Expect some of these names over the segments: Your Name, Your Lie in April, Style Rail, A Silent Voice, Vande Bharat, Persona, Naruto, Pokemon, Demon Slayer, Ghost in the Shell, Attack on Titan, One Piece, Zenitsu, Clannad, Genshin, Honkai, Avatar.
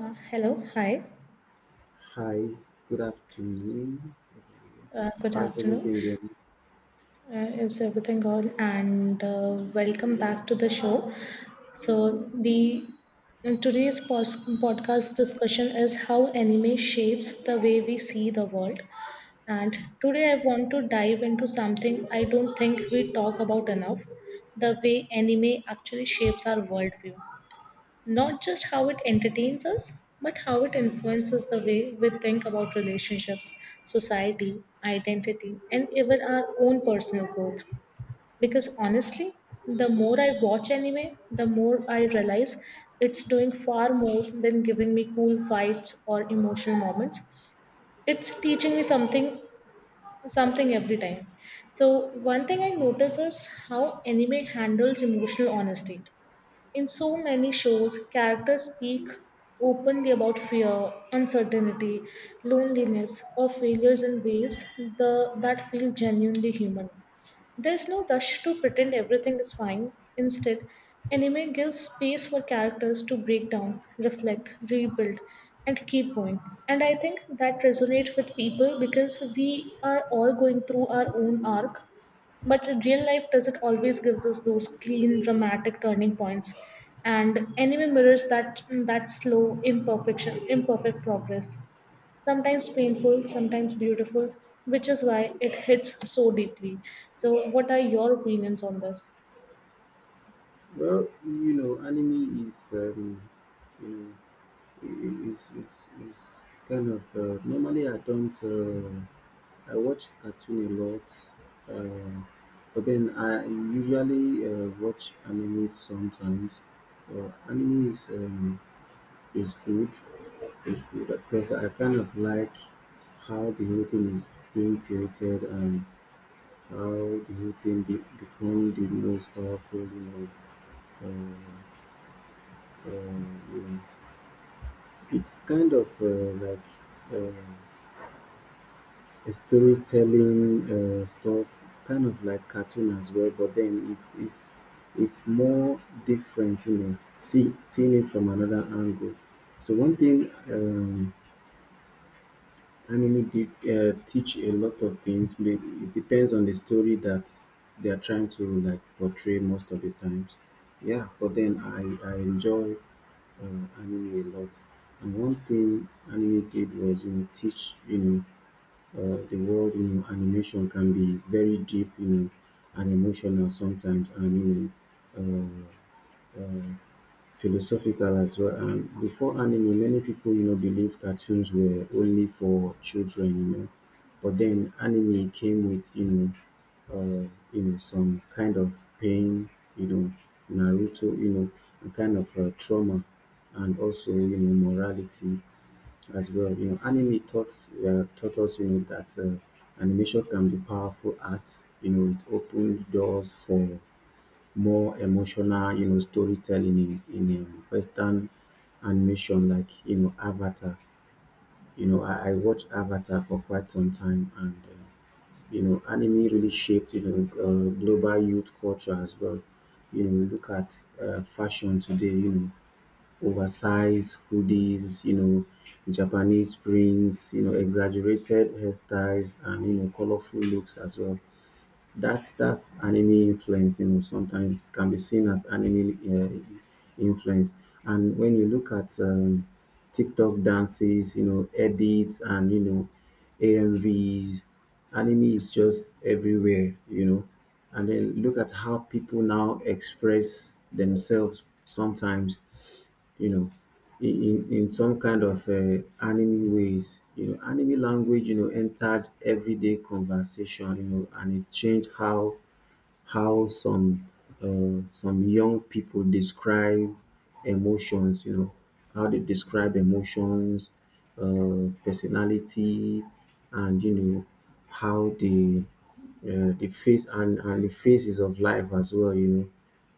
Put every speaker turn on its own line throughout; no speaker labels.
Hello, hi,
Hi, good afternoon.
good
How's
afternoon.
everything going?
Is everything good? And welcome back to the show. So the in today's podcast discussion is how anime shapes the way we see the world. And today I want to dive into something I don't think we talk about enough: the way anime actually shapes our worldview. Not just how it entertains us, but how it influences the way we think about relationships, society, identity, and even our own personal growth. Because honestly, the more I watch anime, the more I realize it's doing far more than giving me cool fights or emotional moments. It's teaching me something every time. So one thing I notice is how anime handles emotional honesty in so many shows, characters speak openly about fear, uncertainty, loneliness, or failures in ways that feel genuinely human. There's no rush to pretend everything is fine. Instead, anime gives space for characters to break down, reflect, rebuild, and keep going. And I think that resonates with people because we are all going through our own arc, but in real life, does it always gives us those clean, dramatic turning points? And anime mirrors that slow, imperfect progress. Sometimes painful, sometimes beautiful, which is why it hits so deeply. So, what are your opinions on this?
Well, you know, anime is, you know, is kind of normally I don't I watch cartoon a lot, uh, but then I usually watch anime sometimes. Well, anime is good, is good because I kind of like how the whole thing is being created. And how the team became the most powerful in uh, uh, um, it's kind of like uh, a storytelling stuff, kind of like cartoon as well, but then it's more different, you know. See, seeing it from another angle. So one thing, um, anime did teach a lot of things. It depends on the story that they are trying to like portray most of the times. Yeah, but then I enjoy anime a lot. And one thing anime did was, you know, teach, you know, the world, you know, animation can be very deep, you know, and emotional sometimes, and you know, uh, uh, philosophical as well. And before anime, many people, you know, believe cartoons were only for children, you know. But then anime came with, uh, you know, some kind of pain, you know, Naruto, you know, a kind of trauma, and also, you know, morality as well. You know, anime taught, taught us, you know, that animation can be powerful art. You know, it opened doors for more emotional, you know, storytelling in, Western animation, like, you know, Avatar. You know, I watched Avatar for quite some time, and, you know, anime really shaped, you know, global youth culture as well. You know, look at fashion today, you know, oversized hoodies, you know, Japanese prints, you know, exaggerated hairstyles, and, you know, colorful looks as well. That's anime influence, you know. Sometimes can be seen as anime influence. And when you look at, TikTok dances, you know, edits, and you know, AMVs, anime is just everywhere, you know. And then look at how people now express themselves sometimes, you know, in in some kind of anime ways. You know, anime language, you know, entered everyday conversation, you know, and it changed how some young people describe emotions. You know, how they describe emotions, personality, and you know how the face and the phases of life as well. You know,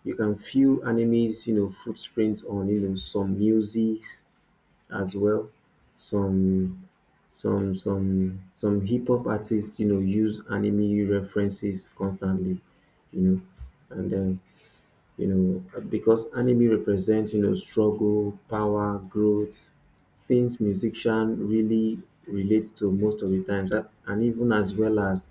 you can feel enemies, you know, footprints on, you know, some music as well. Some some hip hop artists, you know, use anime references constantly, you know, and then you know, because anime represents, you know, struggle, power, growth, things musician really relate to most of the times, and even as well as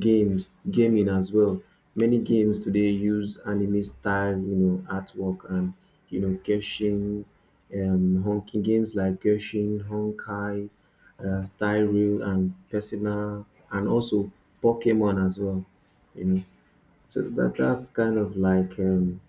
games, gaming as well. Many games today use anime style, you know, artwork, and you know, Genshin, honking games like Genshin, Honkai, Style Rail, and Persona, and also Pokemon as well. You know, so that's kind of like,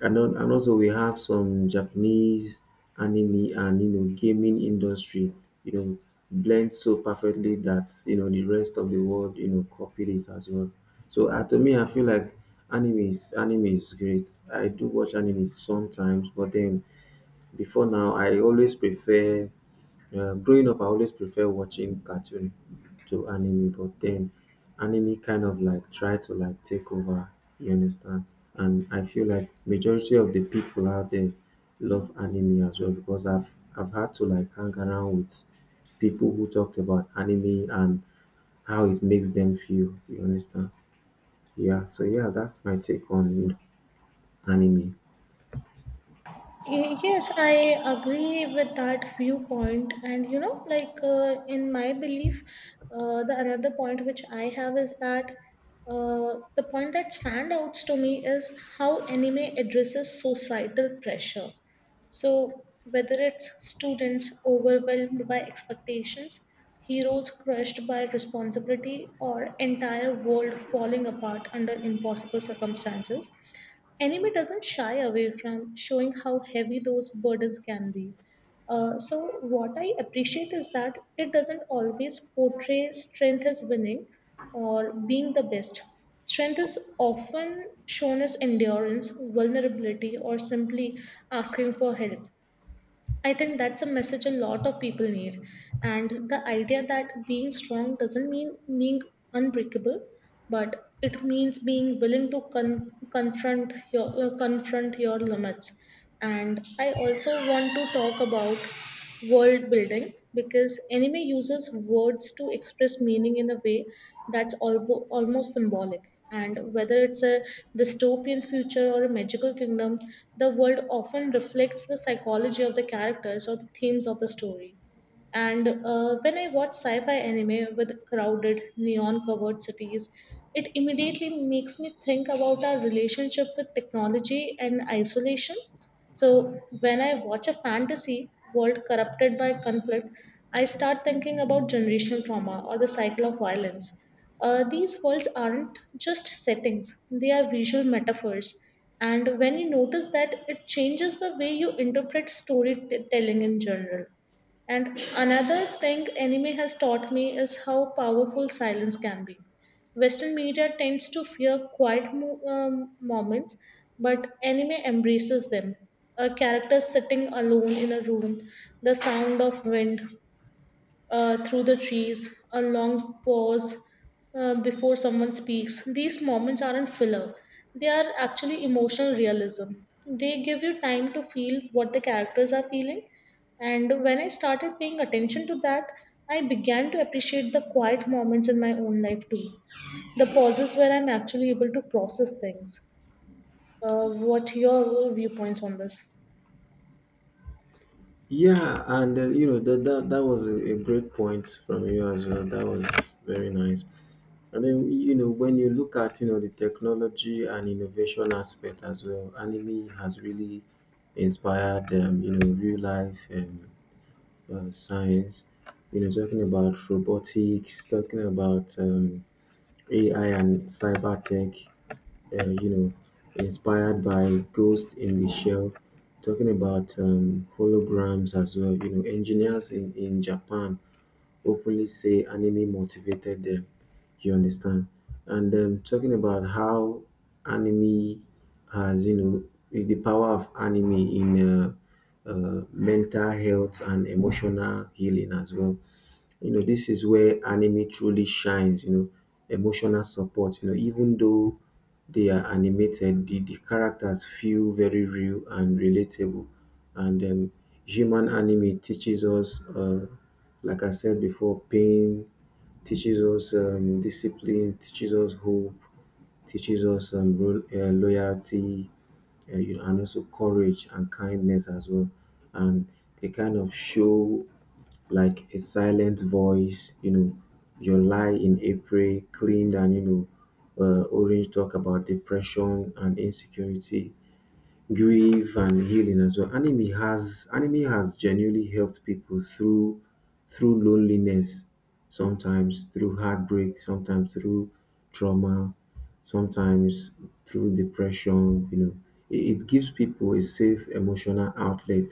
and then, and also we have some Japanese anime and you know gaming industry, you know, blend so perfectly that you know the rest of the world you know copied it as well. So to me, I feel like anime is great. I do watch anime sometimes, but then before now, I always prefer, growing up, I always prefer watching cartoon to anime, but then anime kind of like try to like take over. You understand? And I feel like majority of the people out there love anime as well, because I've had to like hang around with people who talked about anime and how it makes them feel. You understand? Yeah. So yeah, that's my take on anime.
Yes, I agree with that viewpoint. And you know, like in my belief, the another point which I have is that the point that stands out to me is how anime addresses societal pressure. So, whether it's students overwhelmed by expectations, heroes crushed by responsibility, or entire world falling apart under impossible circumstances, anime doesn't shy away from showing how heavy those burdens can be. So, what I appreciate is that it doesn't always portray strength as winning or being the best. Strength is often shown as endurance, vulnerability, or simply asking for help. I think that's a message a lot of people need. And the idea that being strong doesn't mean being unbreakable, but it means being willing to confront your confront your limits. And I also want to talk about world building because anime uses words to express meaning in a way that's almost symbolic. And whether it's a dystopian future or a magical kingdom, the world often reflects the psychology of the characters or the themes of the story. And when I watch sci fi anime with crowded, neon covered cities, it immediately makes me think about our relationship with technology and isolation. So when I watch a fantasy world corrupted by conflict, I start thinking about generational trauma or the cycle of violence. These worlds aren't just settings, they are visual metaphors. And when you notice that, it changes the way you interpret storytelling in general. And another thing anime has taught me is how powerful silence can be. Western media tends to fear quiet moments, but anime embraces them. A character sitting alone in a room, the sound of wind through the trees, a long pause before someone speaks. These moments aren't filler, they are actually emotional realism. They give you time to feel what the characters are feeling. And when I started paying attention to that, I began to appreciate the quiet moments in my own life too, the pauses where I'm actually able to process things. What your viewpoints on this?
Yeah, and you know, that was a great point from you as well. That was very nice. And then, you know, when you look at, you know, the technology and innovation aspect as well, anime has really inspired, you know, real life, science. You know, talking about robotics, talking about, AI and cyber tech, you know, inspired by Ghost in the Shell, talking about, holograms as well. You know, engineers in Japan openly say anime motivated them. You understand? And talking about how anime has, you know, the power of anime in mental health and emotional healing as well. You know, this is where anime truly shines, you know, emotional support. You know, even though they are animated, the characters feel very real and relatable. And human anime teaches us, like I said before, pain, teaches us, discipline, teaches us hope, teaches us, loyalty, you know, and also courage and kindness as well. And they kind of show like a silent voice, you know, your lie in April, cleaned, and you know, orange talk about depression and insecurity, grief and healing as well. Anime has genuinely helped people through through loneliness, sometimes through heartbreak, sometimes through trauma, sometimes through depression, you know. It gives people a safe emotional outlet,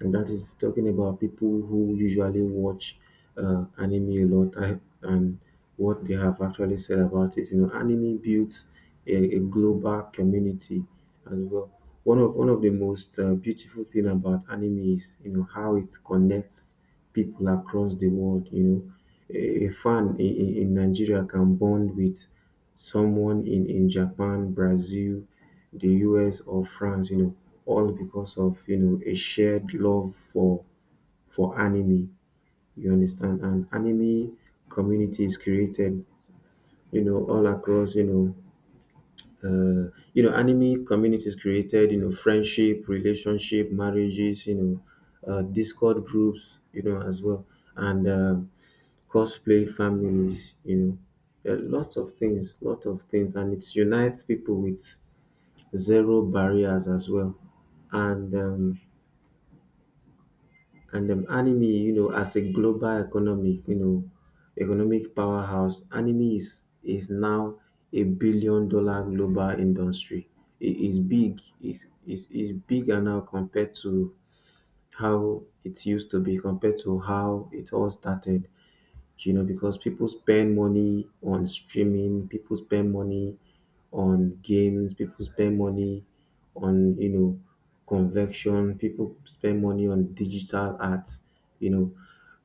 and that is talking about people who usually watch anime a lot, I, and what they have actually said about it. You know, anime builds a global community as well. One of the most beautiful thing about anime is you know how it connects people across the world. You know, a fan in Nigeria can bond with someone in Japan, Brazil, the US, or France. You know, all because of you know a shared love for anime, you understand. And anime communities created you know all across you know you know, anime communities created, you know, friendship, relationship, marriages, you know, Discord groups, you know, as well, and cosplay families, you know, a lot of things, lot of things, and it unites people with zero barriers as well. And um, And um, anime, you know, as a global economic, you know, economic powerhouse, anime is now a billion-dollar global industry. It is big. It's bigger now compared to how it used to be, compared to how it all started, you know, because people spend money on streaming, people spend money on games, people spend money on, you know, convection, people spend money on digital art, you know.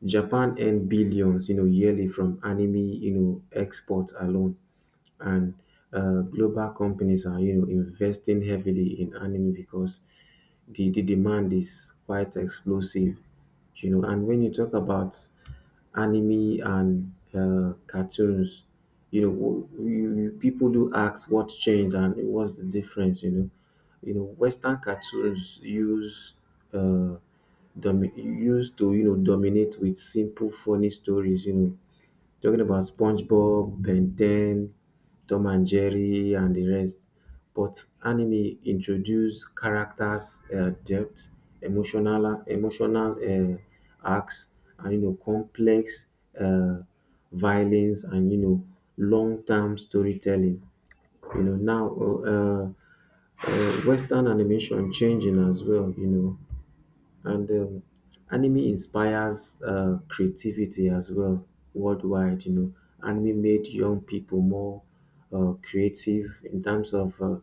Japan earned billions, you know, yearly from anime, you know, exports alone. And global companies are, you know, investing heavily in anime because the demand is quite explosive, you know. And when you talk about anime and cartoons, you know. People do ask what changed and what's the difference. You know, Western cartoons uh, used to, you know, dominate with simple, funny stories. You know, talking about SpongeBob, Ben 10, Tom and Jerry, and the rest. But anime introduce characters, depth, emotional arcs, and you know complex uh, violence, and you know long term storytelling. You know now, Western animation changing as well, you know. And anime inspires creativity as well worldwide, you know. Anime made young people more creative in terms of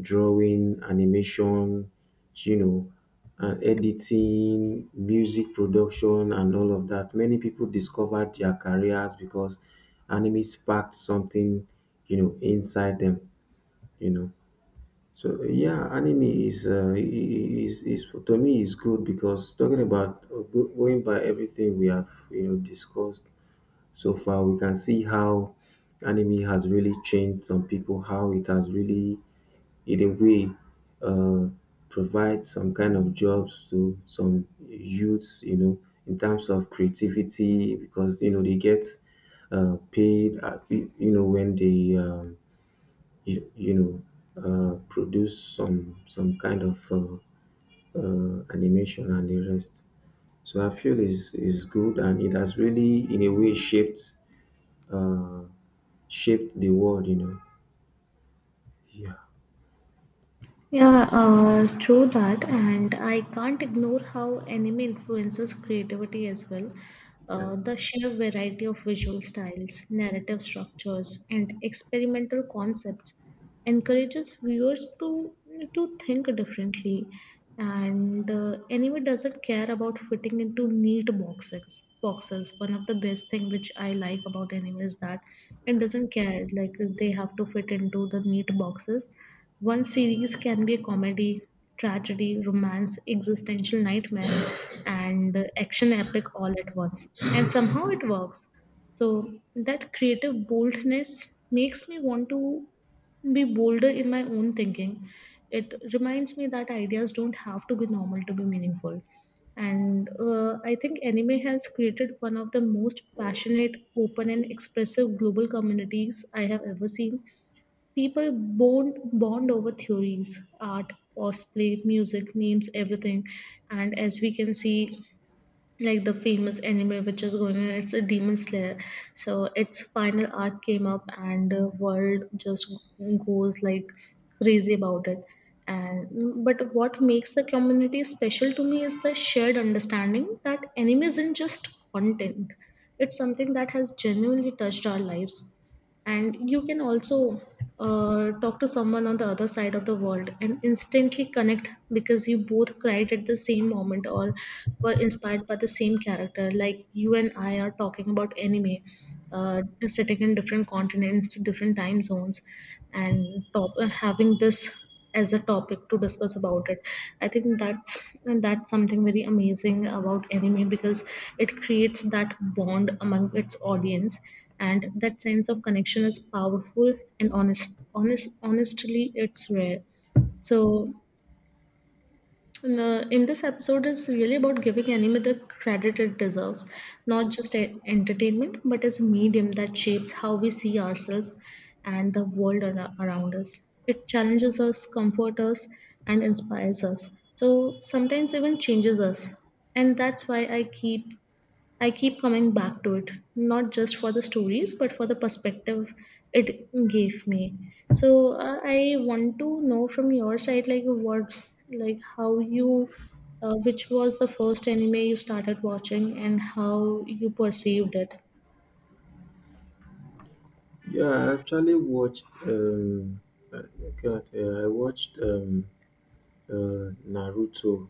drawing, animation, you know, editing, music production, and all of that. Many people discovered their careers because anime sparked something, you know, inside them, you know. So yeah, anime is to me is good, because talking about, going by everything we have, you know, discussed so far, we can see how anime has really changed some people, how it has really in a way, uh, provide some kind of jobs to some youths, you know, in terms of creativity, because you know they get paid, you you know, when they, you, you know produce some kind of animation and the rest. So I feel is good, and it has really in a way shaped, uh, shaped the world. You know. Yeah.
Yeah, true that, and I can't ignore how anime influences creativity as well.
Yeah.
The sheer variety of visual styles, narrative structures, and experimental concepts encourages viewers to think differently. And anime doesn't care about fitting into neat boxes. Boxes. One of the best thing which I like about anime is that it doesn't care like they have to fit into the neat boxes. One series can be a comedy, tragedy, romance, existential nightmare, and action epic all at once. And somehow it works. So that creative boldness makes me want to be bolder in my own thinking. It reminds me that ideas don't have to be normal to be meaningful. And I think anime has created one of the most passionate, open, and expressive global communities I have ever seen. People bond over theories, art, cosplay, music, memes, everything. And as we can see, like the famous anime which is going on, it's a Demon Slayer. So its final arc came up, and the world just goes like crazy about it. And but what makes the community special to me is the shared understanding that anime isn't just content; it's something that has genuinely touched our lives. And you can also talk to someone on the other side of the world and instantly connect because you both cried at the same moment or were inspired by the same character, like you and I are talking about anime uh, sitting in different continents, different time zones, and having this as a topic to discuss about it. I think that's, and that's something very amazing about anime because it creates that bond among its audience, and that sense of connection is powerful and honestly, it's rare. So and, in this episode is really about giving anime the credit it deserves, not just entertainment, but as a medium that shapes how we see ourselves and the world around us. It challenges us, comforts us, and inspires us. So sometimes even changes us. And that's why I keep coming back to it, not just for the stories, but for the perspective it gave me. So I want to know from your side, like how you, which was the first anime you started watching and how you perceived it.
Yeah. I actually watched. Uh, God, I watched, Naruto.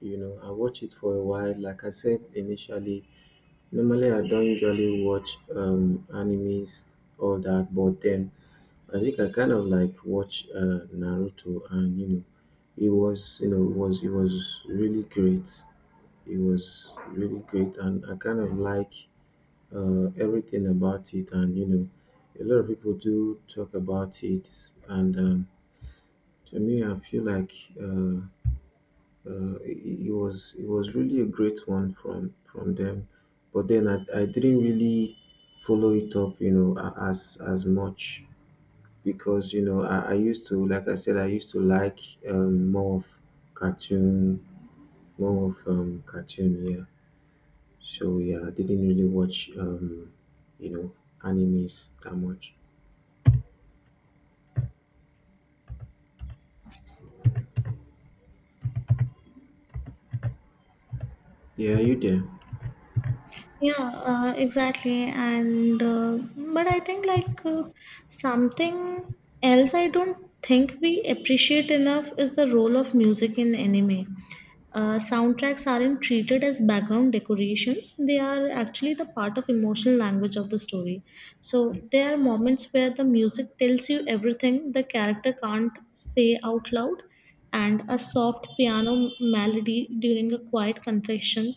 You know, I watched it for a while. Like I said initially, normally, I don't usually watch, animes, all that, but then I think I kind of like watch Naruto, and you know, it was, you know, it was really great. It was really great, and I kind of like everything about it, and a lot of people do talk about it, and to me, I feel like uh, it was really a great one from them, but then I didn't really follow it up, as much because I used to, like I said, I used to like um, more of cartoon, more of cartoon, yeah. So yeah, I didn't really watch you know animes that much. Yeah, you there?
Yeah, exactly. And but I think like something else I don't think we appreciate enough is the role of music in anime. Soundtracks aren't treated as background decorations. They are actually the part of emotional language of the story. So there are moments where the music tells you everything the character can't say out loud, and a soft piano melody during a quiet confession,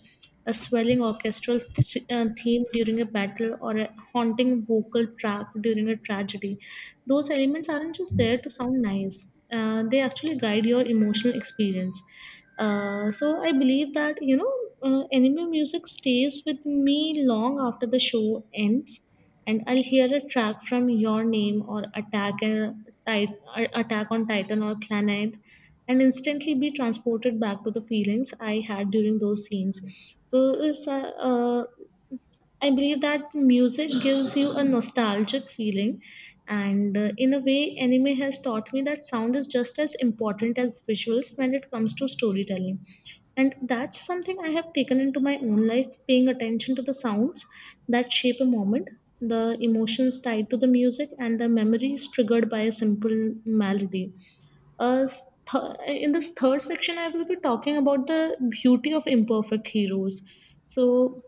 a swelling orchestral theme during a battle, or a haunting vocal track during a tragedy. Those elements aren't just there to sound nice, they actually guide your emotional experience. So I believe that, you know, anime music stays with me long after the show ends, and I'll hear a track from Your Name or Attack on Titan or Clannad, and instantly be transported back to the feelings I had during those scenes. So it's, uh, uh, I believe that music gives you a nostalgic feeling, and in a way, anime has taught me that sound is just as important as visuals when it comes to storytelling. And that's something I have taken into my own life, paying attention to the sounds that shape a moment, the emotions tied to the music and the memories triggered by a simple melody. Uh, s- in this third section, I will be talking about the beauty of imperfect heroes. So,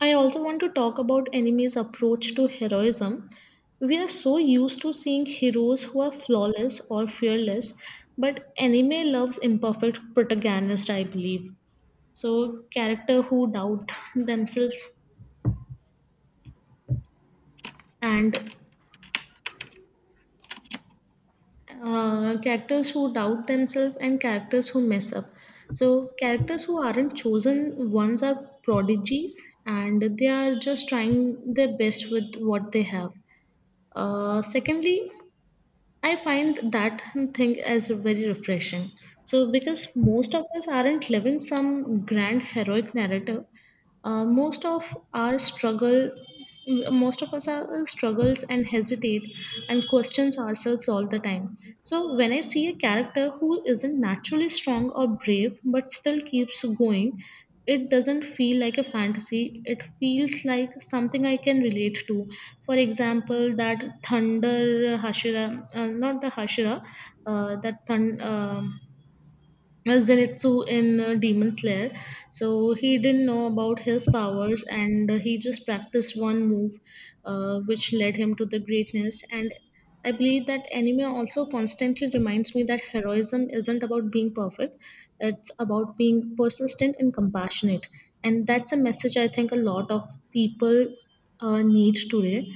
I also want to talk about anime's approach to heroism. We are so used to seeing heroes who are flawless or fearless, but anime loves imperfect protagonists, I believe. So, and characters who doubt themselves and characters who mess up. So, characters who aren't chosen ones are prodigies and they are just trying their best with what they have. Secondly, I find that thing as very refreshing. So, because most of us aren't living some grand heroic narrative, uh, most of our struggle, most of us are struggles and hesitate and questions ourselves all the time. So, when I see a character who isn't naturally strong or brave but still keeps going, it doesn't feel like a fantasy, it feels like something I can relate to. For example, that thunder hashira not the hashira that thun- Zenitsu in Demon Slayer. So he didn't know about his powers and he just practiced one move which led him to the greatness. And I believe that anime also constantly reminds me that heroism isn't about being perfect, it's about being persistent and compassionate. And that's a message I think a lot of people need today.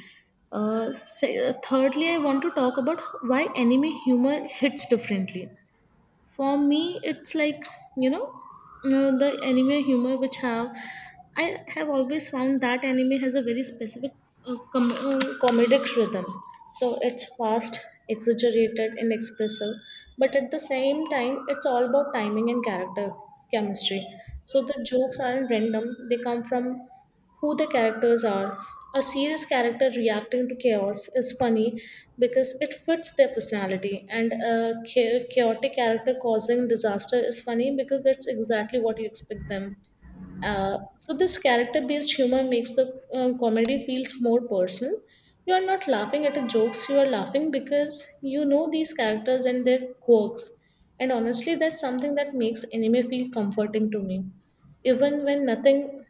Thirdly, I want to talk about why anime humor hits differently. For me it's like, you know, the anime humor which have I have always found that anime has a very specific comedic rhythm. So it's fast, exaggerated and expressive, but at the same time it's all about timing and character chemistry. So the jokes aren't random, they come from who the characters are. A serious character reacting to chaos is funny because it fits their personality, and a chaotic character causing disaster is funny because that's exactly what you expect them. So this character-based humor makes the comedy feels more personal. You are not laughing at the jokes; you are laughing because you know these characters and their quirks. And honestly, that's something that makes anime feel comforting to me, even when nothing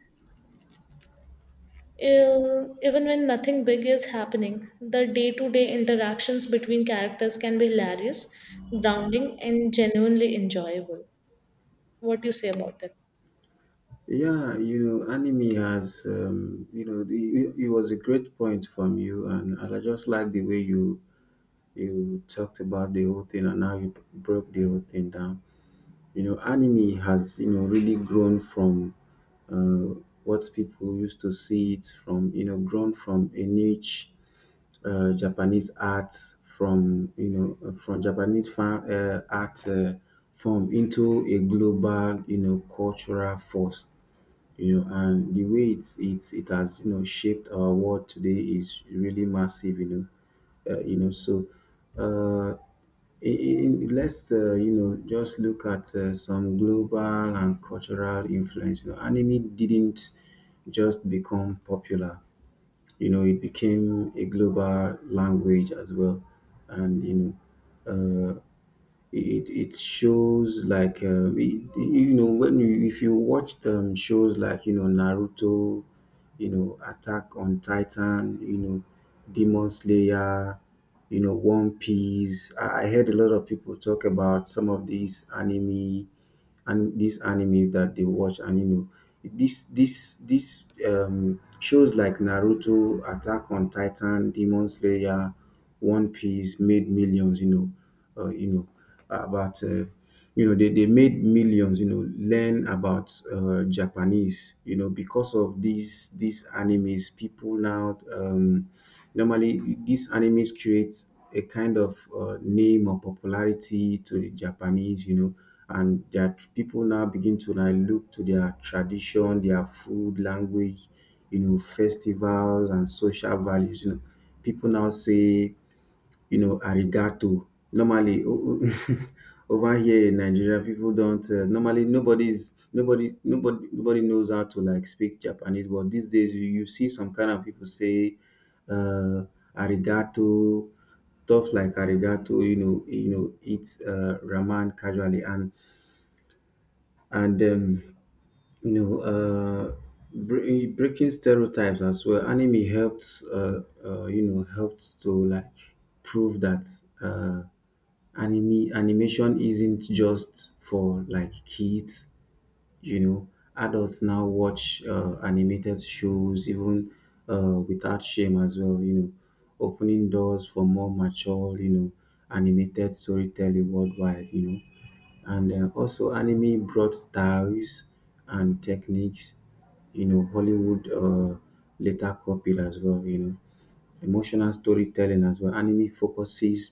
Ev- even when nothing big is happening, the day to day interactions between characters can be hilarious, grounding, and genuinely enjoyable. What do you say about that?
Yeah, you know, anime has, it was a great point from you, and I just like the way you talked about the whole thing, and now you broke the whole thing down. You know, anime has, you know, really grown from uh, what people used to see it from, you know, grown from a niche Japanese art from, you know, from Japanese fan, art form into a global, you know, cultural force. You know, and the way it has, you know, shaped our world today is really massive. Know, uh, you know so uh, in, you know, just look at some global and cultural influence. You know, anime didn't just become popular. You know, it became a global language as well, and know, uh, it shows like you know, when you, if you watch shows like, you know, Naruto, you know, Attack on Titan, you know, Demon Slayer, you know, One Piece. I heard a lot of people talk about some of these anime and these animes that they watch, and you know, this shows like Naruto, Attack on Titan, Demon Slayer, One Piece made millions, you know, you know about you know they made millions, you know, learn about Japanese, you know, because of these animes. People now, normally these animes create a kind of name or popularity to the Japanese, you know, and that people now begin to, like, look to their tradition, their food, language, you know, festivals and social values, you know. People now say, you know, arigato. Normally, over here in Nigeria, people don't, normally nobody's nobody nobody nobody knows how to, like, speak Japanese. But these days, you see some kind of people say uh, arigato, stuff like arigato. You know, it's ramen casually, and and um, you know, breaking stereotypes as well. Anime helped, you know, helped to, like, prove that uh, anime animation isn't just for, like, kids. You know, adults now watch animated shows even without shame as well. You know, opening doors for more mature, you know, animated storytelling worldwide. You know, and also anime brought styles and techniques, you know. Hollywood later copied as well, you know. Emotional storytelling as well, anime focuses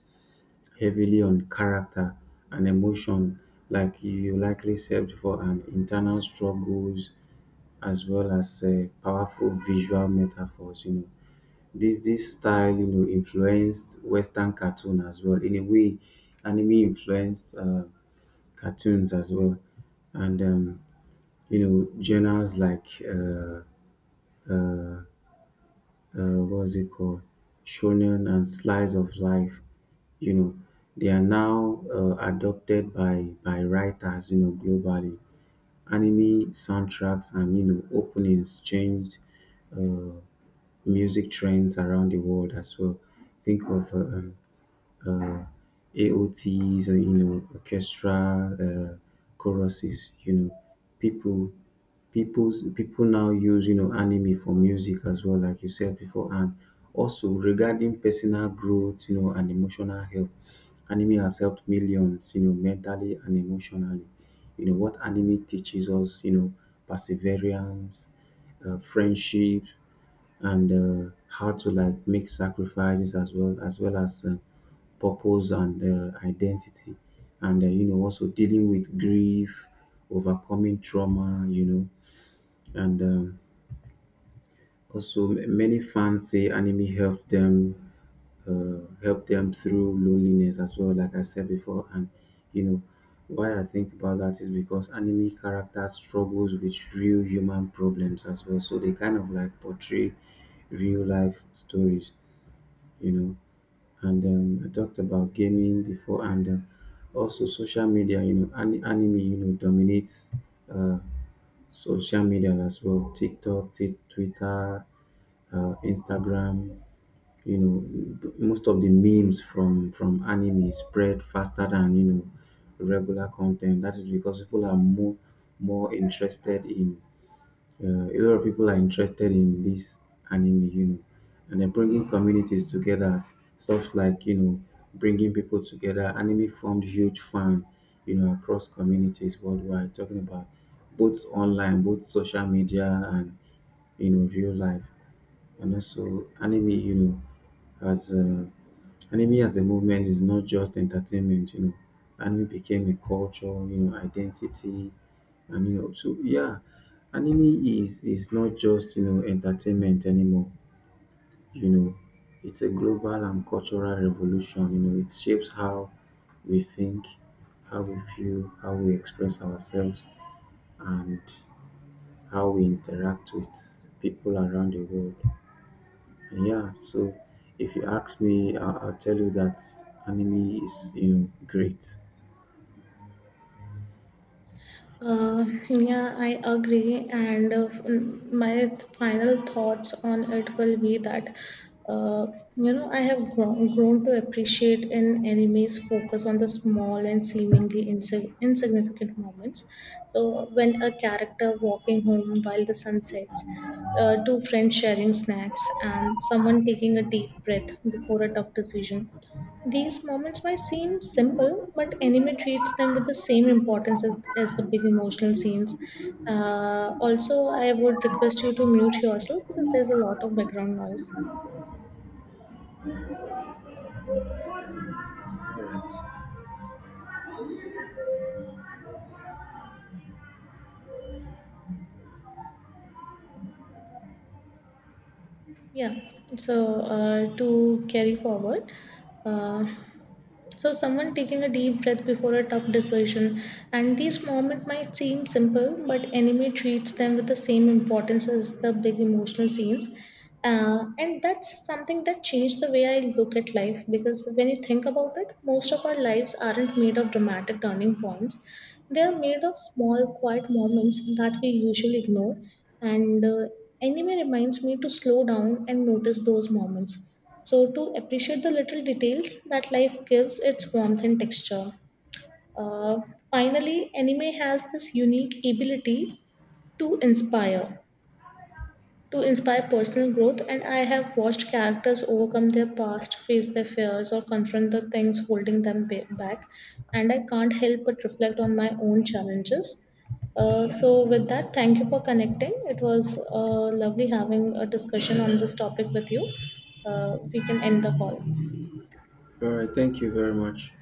heavily on character and emotion, like you likely said before, and internal struggles, as well as powerful visual metaphors, you know. This style, you know, influenced western cartoon as well. In a way, anime influenced cartoons as well, and you know, journals like uh, what's it called, shonen and slice of life. You know, they are now adopted by writers. You know, globally, anime soundtracks and, you know, openings changed uh, music trends around the world as well. Think of uh, AOTs or, you know, orchestra choruses. You know, people people now use, you know, anime for music as well, like you said before. And also, regarding personal growth, you know, and emotional health, anime has helped millions, you know, mentally and emotionally. You know what anime teaches us? You know, perseverance, friendship, and how to, like, make sacrifices, as well as well as purpose and identity, and you know, also dealing with grief, overcoming trauma, you know, and also, many fans say anime helped them, help them through loneliness as well, like I said before. And you know why I think about that? Is because anime characters struggles with real human problems as well, so they kind of, like, portray real life stories, you know. And I talked about gaming before, and also social media. You know, anime, you know, dominates uh, social media as well. TikTok, Twitter, Instagram. You know, most of the memes from anime spread faster than, you know, regular content. That is because people are more interested in a lot of people are interested in this anime. You know, and they're bringing communities together. Stuff like, you know, bringing people together. Anime formed huge fan, you know, across communities worldwide. Talking about both online, both social media, and, you know, real life. And also anime, you know, as anime as a movement is not just entertainment, you know. Anime became a culture, you know, identity, and you know. So yeah, anime is not just, you know, entertainment anymore. You know, it's a global and cultural revolution. You know, it shapes how we think, how we feel, how we express ourselves, and how we interact with people around the world. Yeah, so if you ask me, I'll tell you that anime is, you know, great.
Uh, yeah, I agree. And my final thoughts on it will be that, uh, you know, grown to appreciate an anime's focus on the small and seemingly insignificant moments. So, when a character walking home while the sun sets, two friends sharing snacks, and someone taking a deep breath before a tough decision, these moments might seem simple, but anime treats them with the same importance as the big emotional scenes. Also, I would request you to mute yourself because there's a lot of background noise.
All right.
Yeah, so to carry forward, uh, so, someone taking a deep breath before a tough decision, and these moments might seem simple, but anime treats them with the same importance as the big emotional scenes. And that's something that changed the way I look at life because when you think about it, most of our lives aren't made of dramatic turning points. They are made of small, quiet moments that we usually ignore. And anime reminds me to slow down and notice those moments, so, to appreciate the little details that life gives its warmth and texture. Uh, Finally, anime has this unique ability to inspire, to inspire personal growth, and I have watched characters overcome their past, face their fears, or confront the things holding them back. And I can't help but reflect on my own challenges. So, with that, thank you for connecting. It was lovely having a discussion on this topic with you. We can end the call.
All right. Thank you very much.